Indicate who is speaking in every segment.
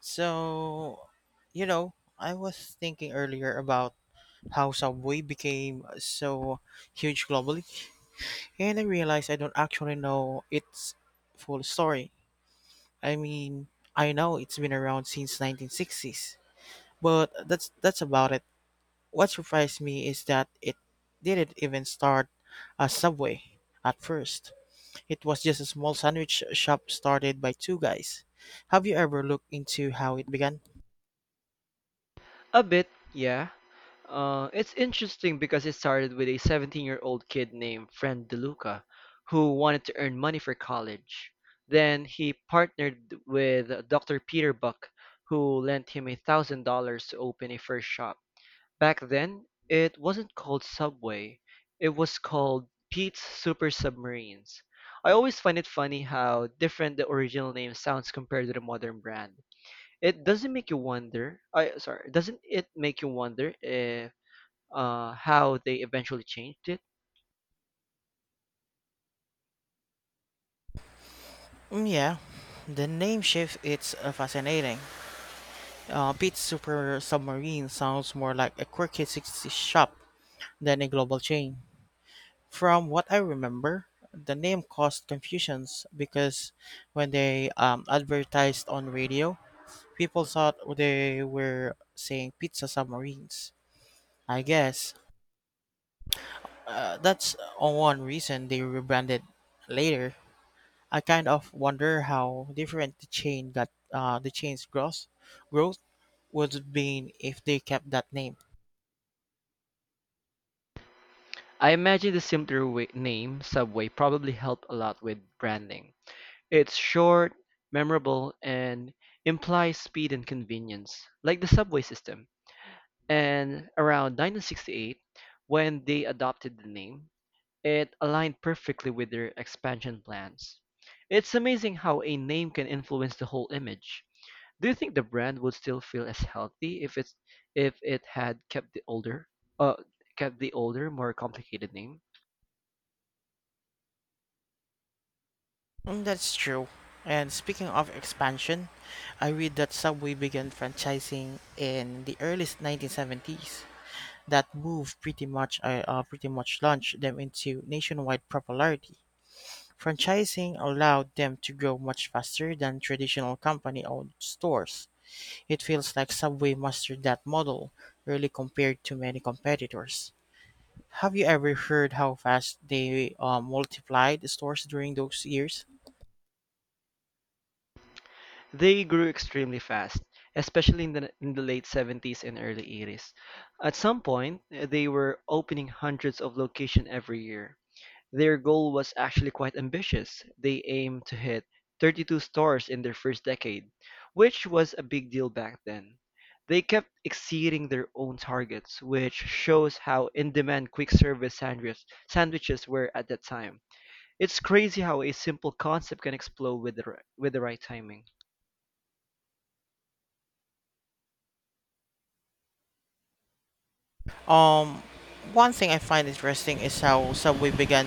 Speaker 1: So, you know, I was thinking earlier about how Subway became so huge globally, and I realized I don't actually know its full story. I mean, I know it's been around since 1960s, but that's about it. What surprised me is that it didn't even start as Subway at first. It was just a small sandwich shop started by two guys. Have you ever looked into how it began?
Speaker 2: A bit, yeah. It's interesting because it started with a 17-year-old kid named Friend DeLuca who wanted to earn money for college. Then he partnered with Dr. Peter Buck, who lent him $1,000 to open a first shop. Back then, it wasn't called Subway; it was called Pete's Super Submarines. I always find it funny how different the original name sounds compared to the modern brand. It doesn't make you wonder. I sorry, doesn't it make you wonder if how they eventually changed it?
Speaker 1: Mm, yeah, the name shift it's fascinating. Pete's Super Submarine sounds more like a quirky 60s shop than a global chain. From what I remember, the name caused confusions because when they advertised on radio, people thought they were saying pizza submarines. I guess that's one reason they rebranded later. I kind of wonder how different the chain got, the chain's growth would have been if they kept that name.
Speaker 2: I imagine the simpler way, name Subway probably helped a lot with branding. It's short, memorable, and implies speed and convenience, like the subway system. And around 1968, when they adopted the name, it aligned perfectly with their expansion plans. It's amazing how a name can influence the whole image. Do you think the brand would still feel as healthy if it had kept the older uh more complicated name?
Speaker 1: Mm, that's true. And speaking of expansion, I read that Subway began franchising in the early 1970s. That move pretty much launched them into nationwide popularity. Franchising allowed them to grow much faster than traditional company-owned stores. It feels like Subway mastered that model, really compared to many competitors. Have you ever heard how fast they multiplied the stores during those years?
Speaker 2: They grew extremely fast, especially in the late '70s and early '80s. At some point, they were opening hundreds of locations every year. Their goal was actually quite ambitious; they aimed to hit 32 stores in their first decade, which was a big deal back then. They kept exceeding their own targets, which shows how in-demand quick service sandwiches were at that time. It's crazy how a simple concept can explode with with the right timing.
Speaker 1: Um, One thing I find interesting is how Subway began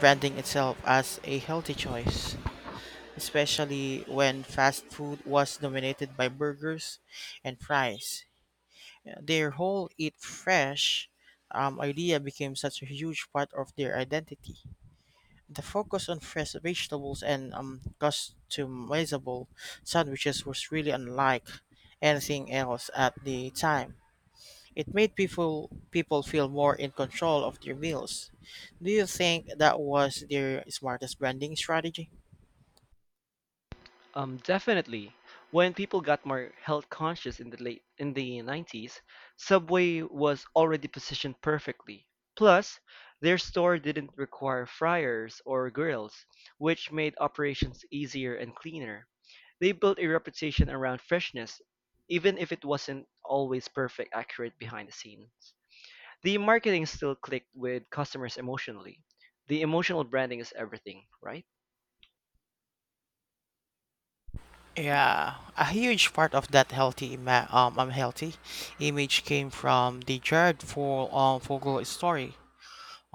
Speaker 1: branding itself as a healthy choice, especially when fast food was dominated by burgers and fries. Their whole "eat fresh" idea became such a huge part of their identity. The focus on fresh vegetables and customizable sandwiches was really unlike anything else at the time. It made people feel more in control of their meals. Do you think that was their smartest branding strategy?
Speaker 2: Definitely. When people got more health conscious in the late in the '90s, Subway was already positioned perfectly. Plus, their store didn't require fryers or grills, which made operations easier and cleaner. They built a reputation around freshness, even if it wasn't always perfect accurate behind the scenes. The marketing still clicked with customers emotionally. The emotional branding is everything, right?
Speaker 1: Yeah, a huge part of that healthy image came from the Jared Fogle story.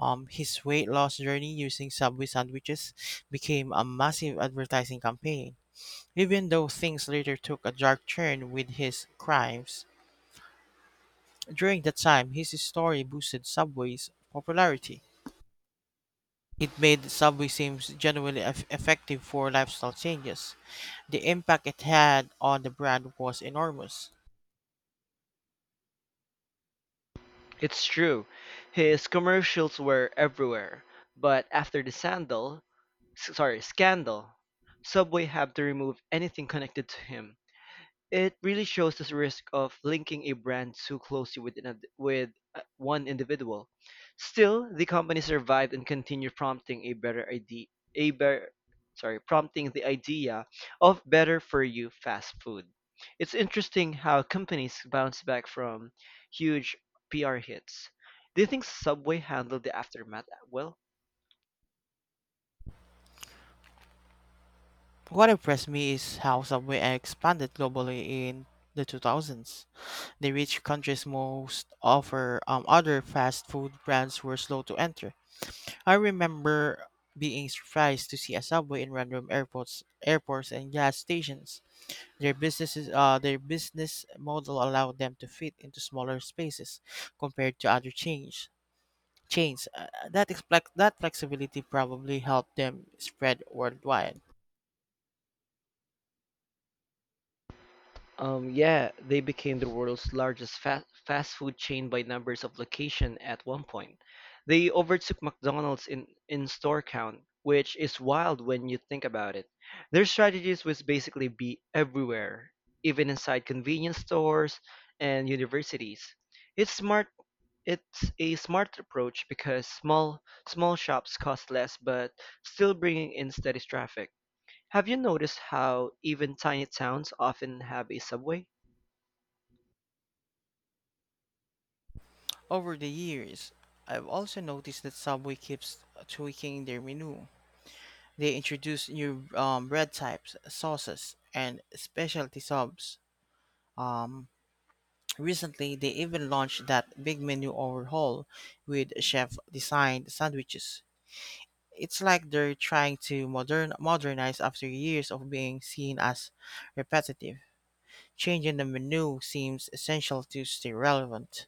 Speaker 1: His weight loss journey using Subway sandwiches became a massive advertising campaign. Even though things later took a dark turn with his crimes, during that time his story boosted Subway's popularity. It made Subway seem genuinely effective for lifestyle changes. The impact it had on the brand was enormous.
Speaker 2: It's true, his commercials were everywhere, but after the scandal, Subway had to remove anything connected to him. It really shows this risk of linking a brand too closely with one individual. Still, the company survived and continued prompting a better idea, a better, prompting the idea of better for you fast food. It's interesting how companies bounce back from huge PR hits. Do you think Subway handled the aftermath well?
Speaker 1: What impressed me is how Subway expanded globally in the 2000s. They reached countries most offer other fast food brands were slow to enter. I remember being surprised to see a subway in random airports and gas stations. Their business model allowed them to fit into smaller spaces compared to other chains. That flexibility probably helped them spread worldwide.
Speaker 2: Yeah, they became the world's largest fast food chain by numbers of location at one point. They overtook McDonald's in store count, which is wild when you think about it. Their strategies was basically be everywhere, even inside convenience stores and universities. It's smart. It's a smart approach because small shops cost less, but still bringing in steady traffic. Have you noticed how even tiny towns often have a subway?
Speaker 1: Over the years, I've also noticed that Subway keeps tweaking their menu. They introduce new bread types, sauces, and specialty subs. Um, Recently, they even launched that big menu overhaul with chef-designed sandwiches. It's like they're trying to modernize after years of being seen as repetitive. Changing the menu seems essential to stay relevant.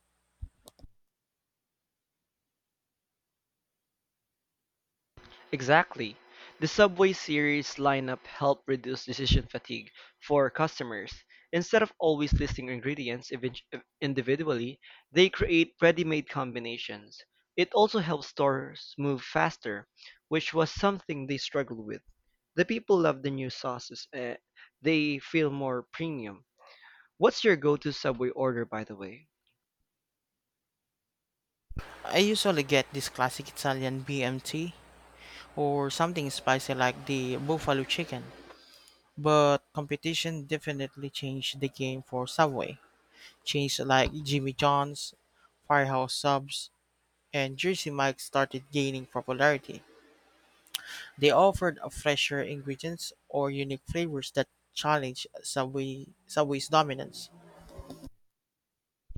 Speaker 2: Exactly. The Subway series lineup helped reduce decision fatigue for customers. Instead of always listing individually, they create ready-made combinations. It also helps stores move faster, which was something they struggled with. The people love the new sauces. They feel more premium. What's your go-to Subway order, by the way?
Speaker 1: I usually get this classic Italian BMT or something spicy like the buffalo chicken, but competition definitely changed the game for Subway. Chains like Jimmy John's, Firehouse Subs, and Jersey Mike's started gaining popularity. They offered a fresher ingredients or unique flavors that challenged Subway's dominance,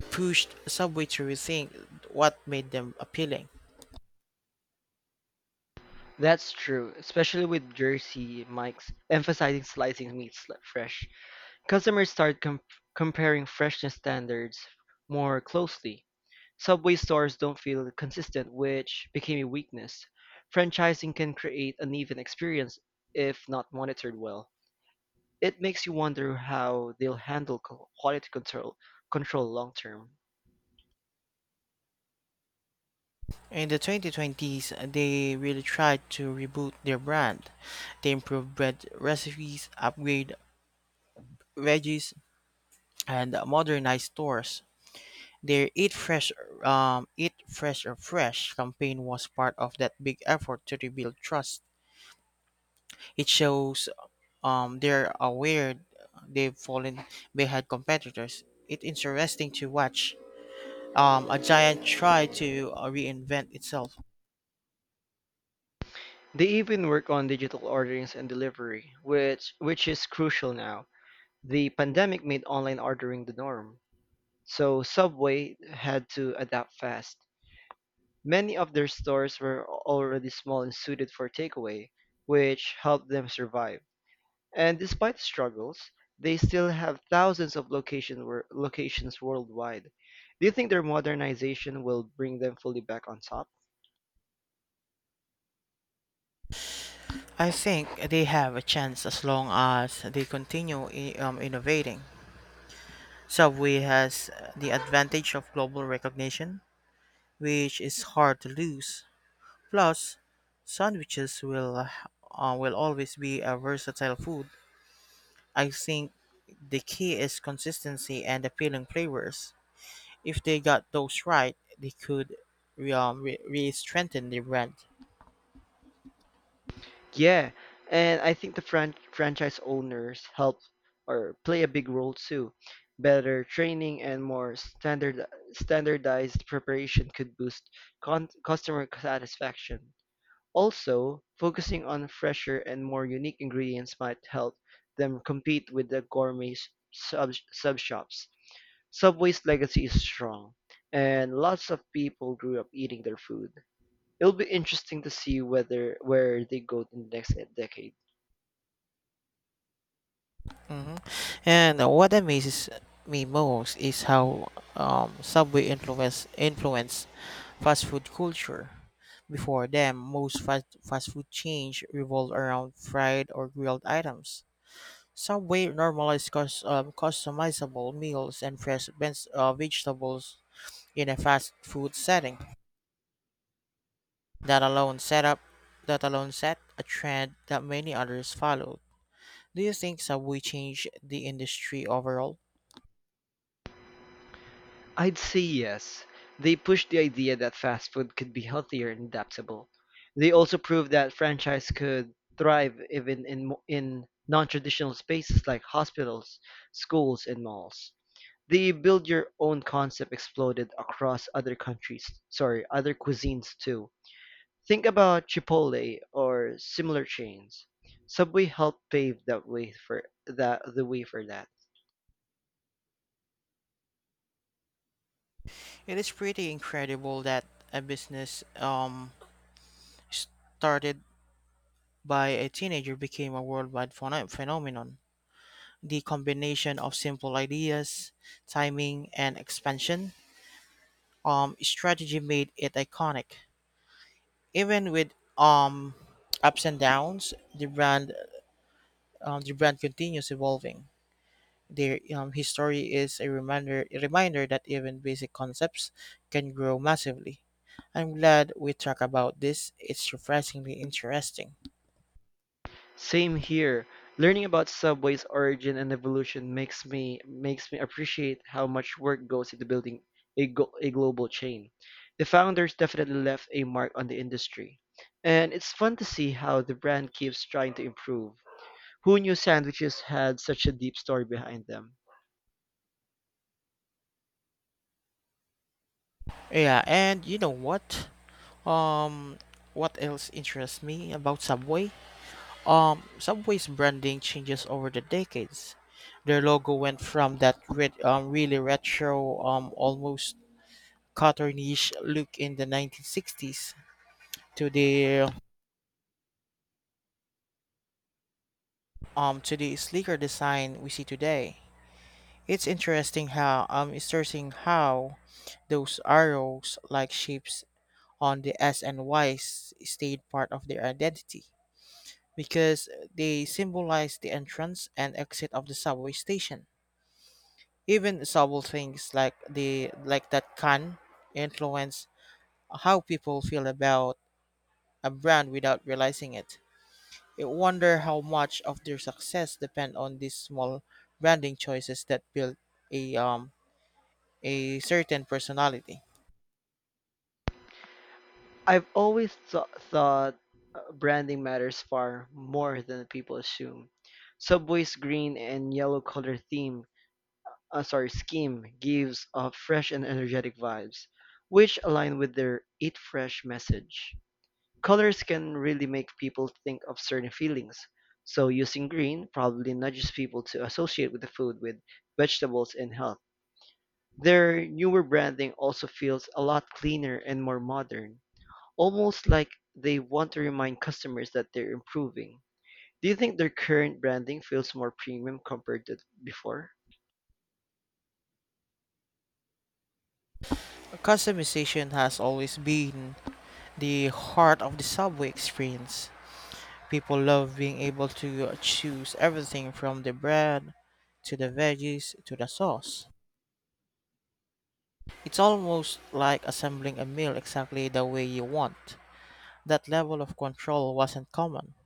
Speaker 1: pushed Subway to rethink what made them appealing.
Speaker 2: That's true, especially with Jersey Mike's emphasizing slicing meats like, fresh. Customers started comparing freshness standards more closely. Subway stores don't feel consistent, which became a weakness. Franchising can create uneven experience if not monitored well. It makes you wonder how they'll handle quality control long term.
Speaker 1: In the 2020s, they really tried to reboot their brand. They improved bread recipes, upgraded veggies, and modernized stores. Their Eat Fresh or Fresh campaign was part of that big effort to rebuild trust. It shows they're aware they've fallen behind competitors. It's interesting to watch a giant try to reinvent itself.
Speaker 2: They even work on digital orderings and delivery, which is crucial now. The pandemic made online ordering the norm, so Subway had to adapt fast. Many of their stores were already small and suited for takeaway, which helped them survive. And despite the struggles, they still have thousands of locations worldwide. Do you think their modernization will bring them fully back on top?
Speaker 1: I think they have a chance as long as they continue innovating. Subway has the advantage of global recognition, which is hard to lose. Plus, sandwiches will always be a versatile food. I think the key is consistency and appealing flavors. If they got those right, they could strengthen the brand.
Speaker 2: Yeah, and I think the franchise owners help or play a big role too. Better training and more standardized preparation could boost customer satisfaction. Also, focusing on fresher and more unique ingredients might help them compete with the gourmet sub shops. Subway's legacy is strong, and lots of people grew up eating their food. It'll be interesting to see whether where they go in the next decade.
Speaker 1: hmm And what amazes me most is how Subway influenced fast food culture. Before them, most fast food chains revolved around fried or grilled items. Subway normalized customizable meals and fresh vegetables in a fast food setting. That alone set up that alone set a trend that many others followed. Do you think Subway changed the industry overall?
Speaker 2: I'd say yes. They pushed the idea that fast food could be healthier and adaptable. They also proved that franchise could thrive even in non-traditional spaces like hospitals, schools, and malls. The build your own concept exploded across other countries, sorry, other cuisines too. Think about Chipotle or similar chains. Subway helped pave that way for that the way for that.
Speaker 1: It is pretty incredible that a business started by a teenager became a worldwide phenomenon. The combination of simple ideas, timing, and expansion strategy made it iconic. Even with ups and downs, the brand continues evolving. Their history is a reminder that even basic concepts can grow massively. I'm glad we talk about this. It's refreshingly interesting.
Speaker 2: Same here. Learning about Subway's origin and evolution makes me appreciate how much work goes into building a global chain. The founders definitely left a mark on the industry. And it's fun to see how the brand keeps trying to improve. Who knew sandwiches had such a deep story behind them?
Speaker 1: Yeah, and you know what? Um, what else interests me about Subway? Subway's branding changes over the decades. Their logo went from that red, really retro, almost cartoonish look in the 1960s to the to the sleeker design we see today. It's interesting how those arrows like shapes on the S and Ys stayed part of their identity because they symbolize the entrance and exit of the subway station. Even subtle things like that can influence how people feel about a brand without realizing it. I wonder how much of their success depend on these small branding choices that build a um a certain personality.
Speaker 2: I've always thought branding matters far more than people assume. Subway's green and yellow scheme gives off fresh and energetic vibes, which align with their Eat Fresh message. Colors can really make people think of certain feelings, so using green probably nudges people to associate with the food with vegetables and health. Their newer branding also feels a lot cleaner and more modern. Almost like they want to remind customers that they're improving. Do you think their current branding feels more premium compared to before?
Speaker 1: Customization has always been the heart of the subway experience. People love being able to choose everything from the bread to the veggies to the sauce. It's almost like assembling a meal exactly the way you want. That level of control wasn't common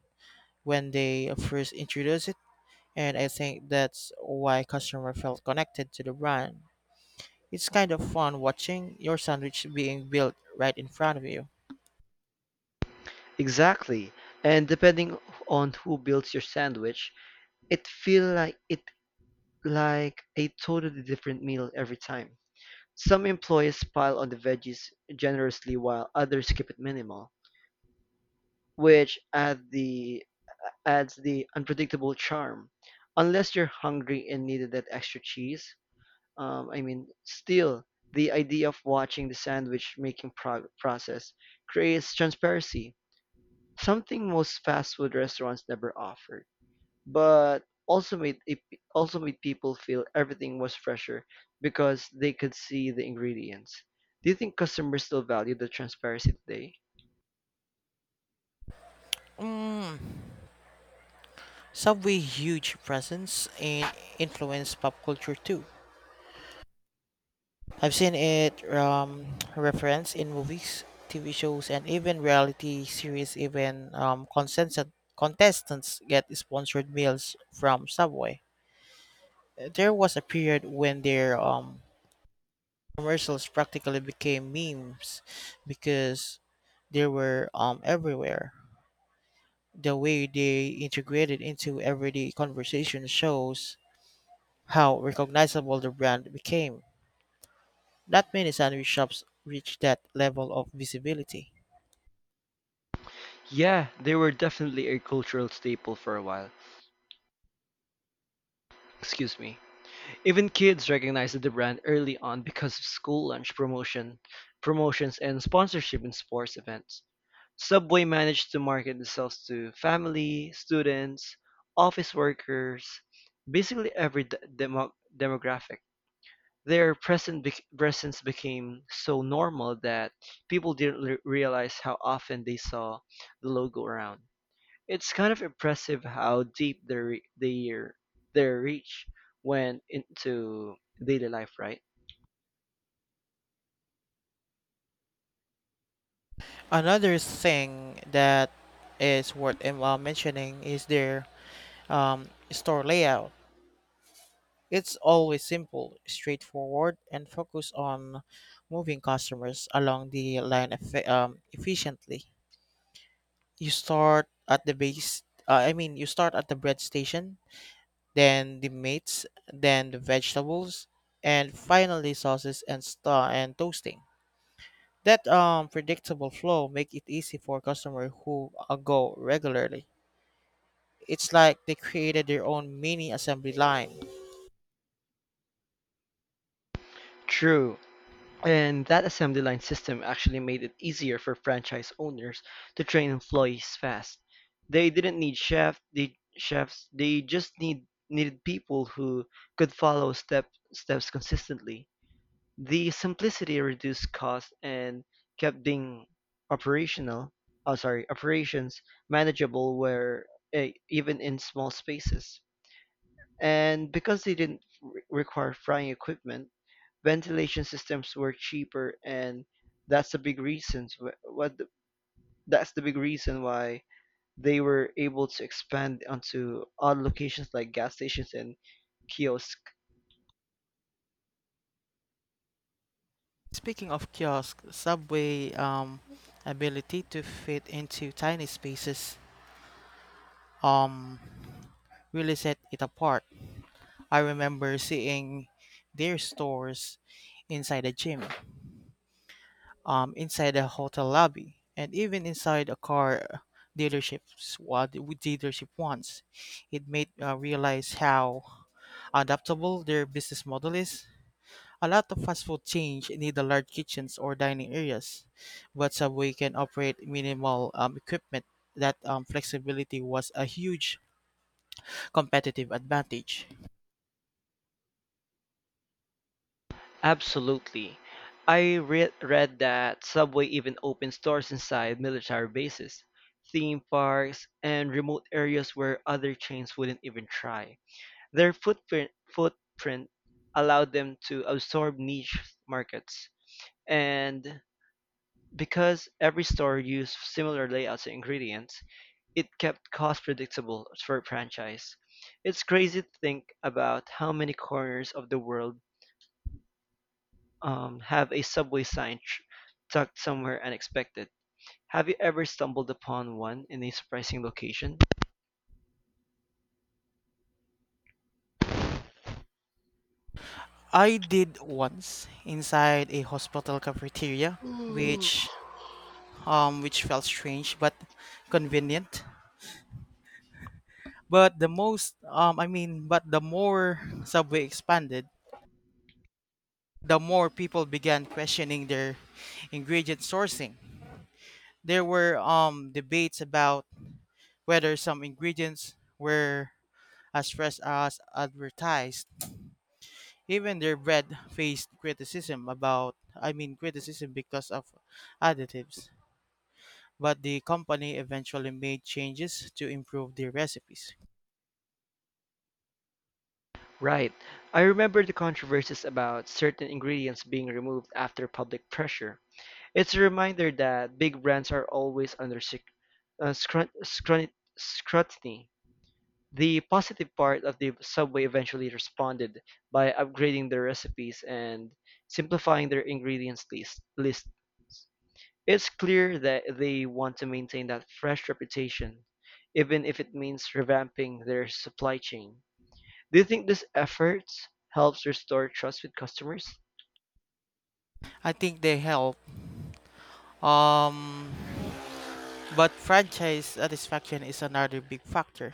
Speaker 1: when they first introduced it and I think that's why customer felt connected to the brand. It's kind of fun watching your sandwich being built right in front of you.
Speaker 2: Exactly. And depending on who builds your sandwich, it feels like a totally different meal every time. Some employees pile on the veggies generously while others keep it minimal, which adds the unpredictable charm. Unless you're hungry and needed that extra cheese, still, the idea of watching the process creates transparency, something most fast food restaurants never offer but also made people feel everything was fresher because they could see the ingredients. Do you think customers still value the transparency today?
Speaker 1: Mm. Subway huge presence and influence pop culture too. I've seen it referenced in movies, TV shows, and even reality series. Even contestants get sponsored meals from Subway. There was a period when their commercials practically became memes because they were everywhere. The way they integrated into everyday conversation shows how recognizable the brand became. Not many sandwich shops reach that level of visibility.
Speaker 2: Yeah, they were definitely a cultural staple for a while. Excuse me. Even kids recognized the brand early on because of promotions and sponsorship in sports events. Subway managed to market themselves to family, students, office workers, basically demographic. Their present bec presence became so normal that people didn't realize how often they saw the logo around. It's kind of impressive how deep their re- their reach went into daily life, right?
Speaker 1: Another thing that is worth mentioning is their store layout. It's always simple, straightforward, and focused on moving customers along the line efficiently. You start at the bread station, then the meats, then the vegetables, and finally sauces and toasting. That predictable flow make it easy for customer who go regularly. It's like they created their own mini assembly line.
Speaker 2: True. And that assembly line system actually made it easier for franchise owners to train employees fast. They didn't need chefs, they just needed people who could follow steps consistently. The simplicity reduced costs and kept being operational operations manageable, even in small spaces. And because they didn't require frying equipment, ventilation systems were cheaper, and that's the big reasons wh- what the, that's the big reason why they were able to expand onto odd locations like gas stations and kiosks.
Speaker 1: Speaking of kiosk, subway ability to fit into tiny spaces um, really set it apart. I remember seeing their stores inside a gym, inside a hotel lobby, and even inside a car dealerships what with dealership once. It made realize how adaptable their business model is. A lot of fast food chains need a large kitchens or dining areas, but Subway can operate minimal equipment. That flexibility was a huge competitive advantage.
Speaker 2: Absolutely. I read that Subway even opened stores inside military bases, theme parks, and remote areas where other chains wouldn't even try. Their footprint allowed them to absorb niche markets. And because every store used similar layouts and ingredients, it kept cost predictable for a franchise. It's crazy to think about how many corners of the world have a subway sign tucked somewhere unexpected. Have you ever stumbled upon one in a surprising location?
Speaker 1: I did once inside a hospital cafeteria,
Speaker 2: Mm.
Speaker 1: which which felt strange but convenient. But the most, I mean, But the more Subway expanded, the more people began questioning their ingredient sourcing. There were debates about whether some ingredients were as fresh as advertised. Even their bread faced criticism about I mean criticism because of additives. But the company eventually made changes to improve their recipes.
Speaker 2: Right. I remember the controversies about certain ingredients being removed after public pressure. It's a reminder that big brands are always under sec- scrut- scrut- scrutiny. The positive part of the Subway eventually responded by upgrading their recipes and simplifying their ingredients list. It's clear that they want to maintain that fresh reputation, even if it means revamping their supply chain. Do you think this effort helps restore trust with customers?
Speaker 1: I think they help. Um, but franchise satisfaction is another big factor.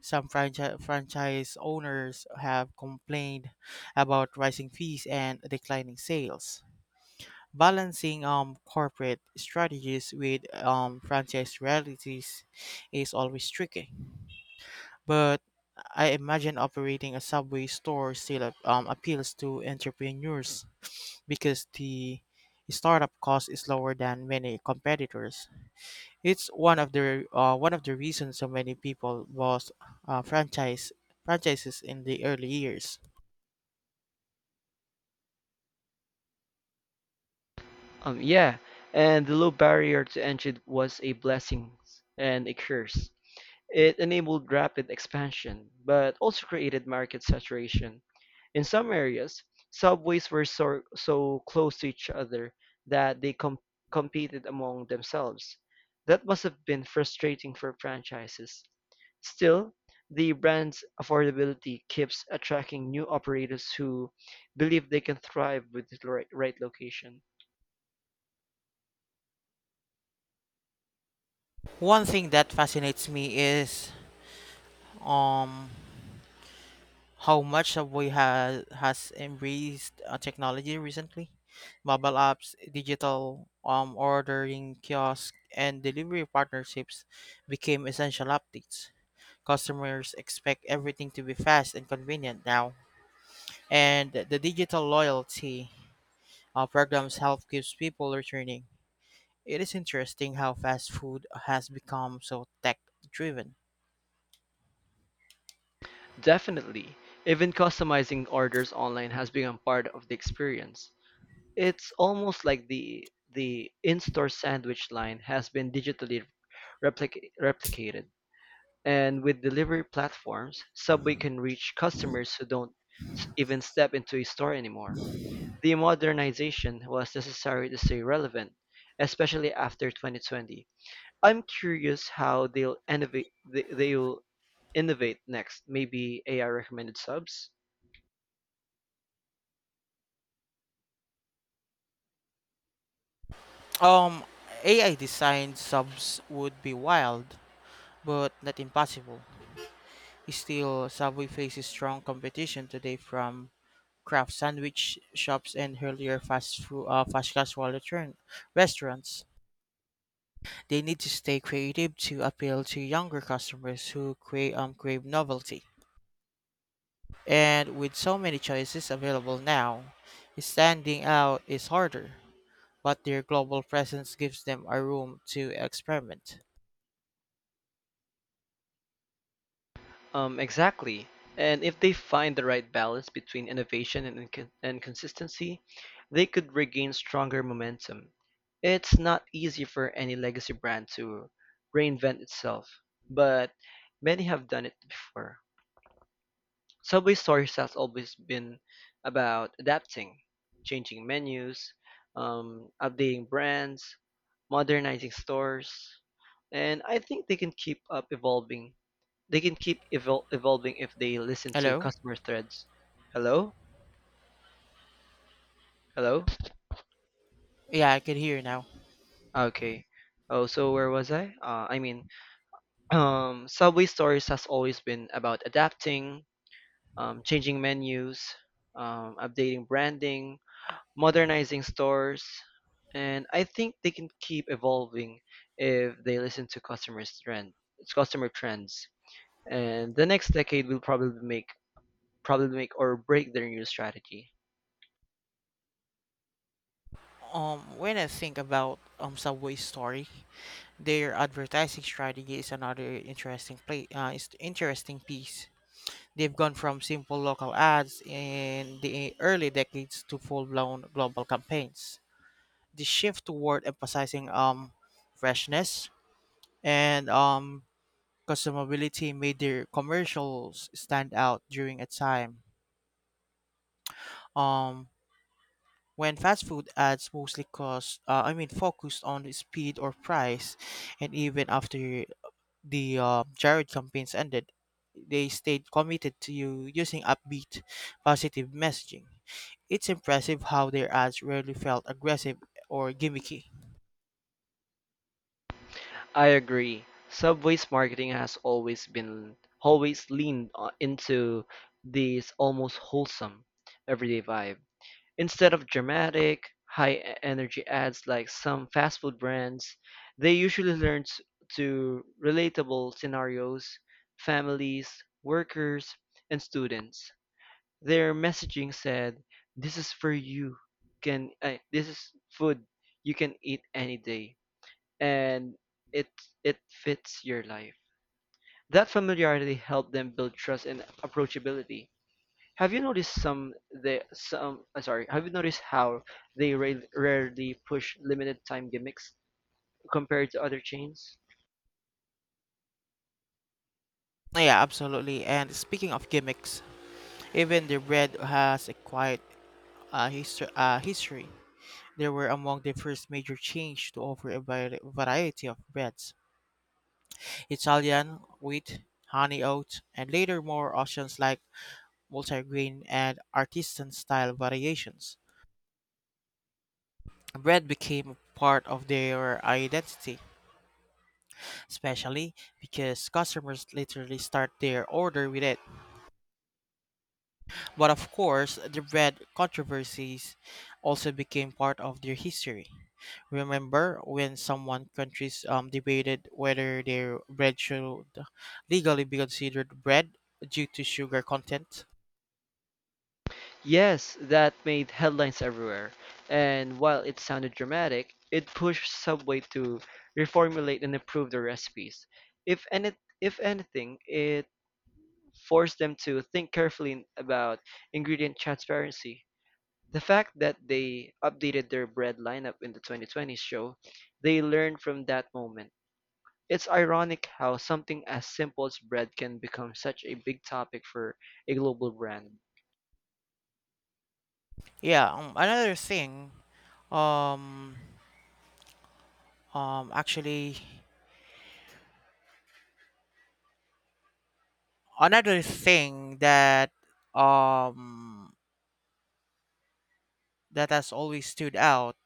Speaker 1: Some franchise owners have complained about rising fees and declining sales. Balancing corporate strategies with franchise realities is always tricky. But I imagine operating a subway store still appeals to entrepreneurs because the startup cost is lower than many competitors. It's one of the reasons so many people bought uh, franchise franchises in the early years.
Speaker 2: Yeah, and the low barrier to entry was a blessing and a curse. It enabled rapid expansion, but also created market saturation. In some areas, subways were so close to each other that they competed among themselves. That must have been frustrating for franchises. Still, the brand's affordability keeps attracting new operators who believe they can thrive with the right location.
Speaker 1: One thing that fascinates me is um how much have we had has embraced technology recently? Mobile apps, digital ordering kiosk, and delivery partnerships became essential updates. Customers expect everything to be fast and convenient now, and the digital loyalty programs help keeps people returning. It is interesting how fast food has become so tech driven.
Speaker 2: Definitely, even customizing orders online has become part of the experience. It's almost like the in-store sandwich line has been digitally replicated. And with delivery platforms, Subway can reach customers who don't even step into a store anymore. The modernization was necessary to stay relevant, especially after 2020. I'm curious how they'll innovate next, maybe AI recommended subs?
Speaker 1: Um, AI designed subs would be wild, but not impossible. Still, Subway faces strong competition today from craft sandwich shops and earlier fast casual return restaurants. They need to stay creative to appeal to younger customers who crave novelty. And with so many choices available now, standing out is harder, but their global presence gives them a room to experiment.
Speaker 2: Exactly. And if they find the right balance between innovation and consistency, they could regain stronger momentum. It's not easy for any legacy brand to reinvent itself, but many have done it before. Subway stories has always been about adapting, changing menus, updating brands, modernizing stores, and I think they can evolving if they listen to
Speaker 1: Hello?
Speaker 2: customer threads. Hello? Hello?
Speaker 1: Yeah, I can hear you now.
Speaker 2: Okay. Oh, so where was I? Subway Stories has always been about adapting, changing menus, updating branding, modernizing stores, and I think they can keep evolving if they listen to customer trends. And the next decade will probably make or break their new strategy.
Speaker 1: When I think about Subway's story, their advertising strategy is another interesting play, is interesting piece. They've gone from simple local ads in the early decades to full-blown global campaigns. The shift toward emphasizing freshness and consumability made their commercials stand out during a time um, when fast food ads mostly focused on the speed or price, and even after the Jared campaigns ended, they stayed committed to you using upbeat, positive messaging. It's impressive how their ads rarely felt aggressive or gimmicky.
Speaker 2: I agree. Subway's marketing has always leaned into this almost wholesome everyday vibe. Instead of dramatic, high energy ads like some fast food brands, they usually to relatable scenarios, families, workers, and students. Their messaging said, "This is for you. Can this is food you can eat any day." and it it fits your life. That familiarity helped them build trust and approachability. Have you noticed some the some sorry, have you noticed how they rarely push limited time gimmicks compared to other chains?
Speaker 1: Yeah, absolutely. And speaking of gimmicks, even the bread has a quiet history. They were among the first major change to offer a variety of breads. Italian, wheat, honey oat, and later more options like multigrain and artisan style variations. Bread became a part of their identity, especially because customers literally start their order with it. But of course, the bread controversies also became part of their history. Remember when someone countries debated whether their bread should legally be considered bread due to sugar content?
Speaker 2: Yes, that made headlines everywhere. And while it sounded dramatic, it pushed Subway to reformulate and improve their recipes. If any if anything, it forced them to think carefully about ingredient transparency. The fact that they updated their bread lineup in the 2020s show, they learned from that moment. It's ironic how something as simple as bread can become such a big topic for a global brand.
Speaker 1: Yeah, um um actually another thing that um that has always stood out.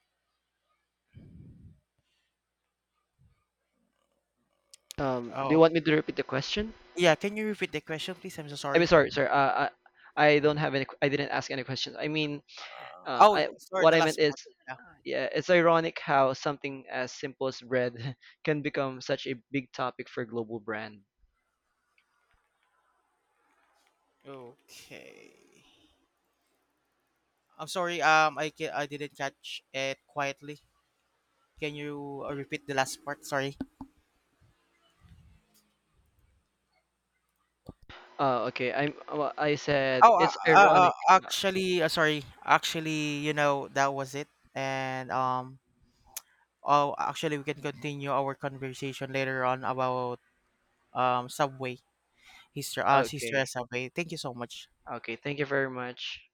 Speaker 2: Do you
Speaker 1: Oh,
Speaker 2: want me to repeat the question?
Speaker 1: yeah. Can you repeat the question, please? I'm so
Speaker 2: I mean,
Speaker 1: sorry.
Speaker 2: sorry, sorry. Uh, I don't have any. I didn't ask any questions. I mean,
Speaker 1: Oh,
Speaker 2: I
Speaker 1: yeah, sorry.
Speaker 2: what
Speaker 1: The
Speaker 2: I meant
Speaker 1: last
Speaker 2: is
Speaker 1: part. Yeah.
Speaker 2: yeah, it's ironic how something as simple as bread can become such a big topic for global brand.
Speaker 1: Okay. I'm sorry. I didn't catch it quietly. Can you repeat the last part? Sorry.
Speaker 2: Oh, okay. I said it's ironic. Uh,
Speaker 1: Sorry. Actually, you know that was it. And oh, actually, we can continue our conversation later on about Subway history. History of
Speaker 2: Okay.
Speaker 1: Subway. Thank you so much.
Speaker 2: Okay. Thank you very much.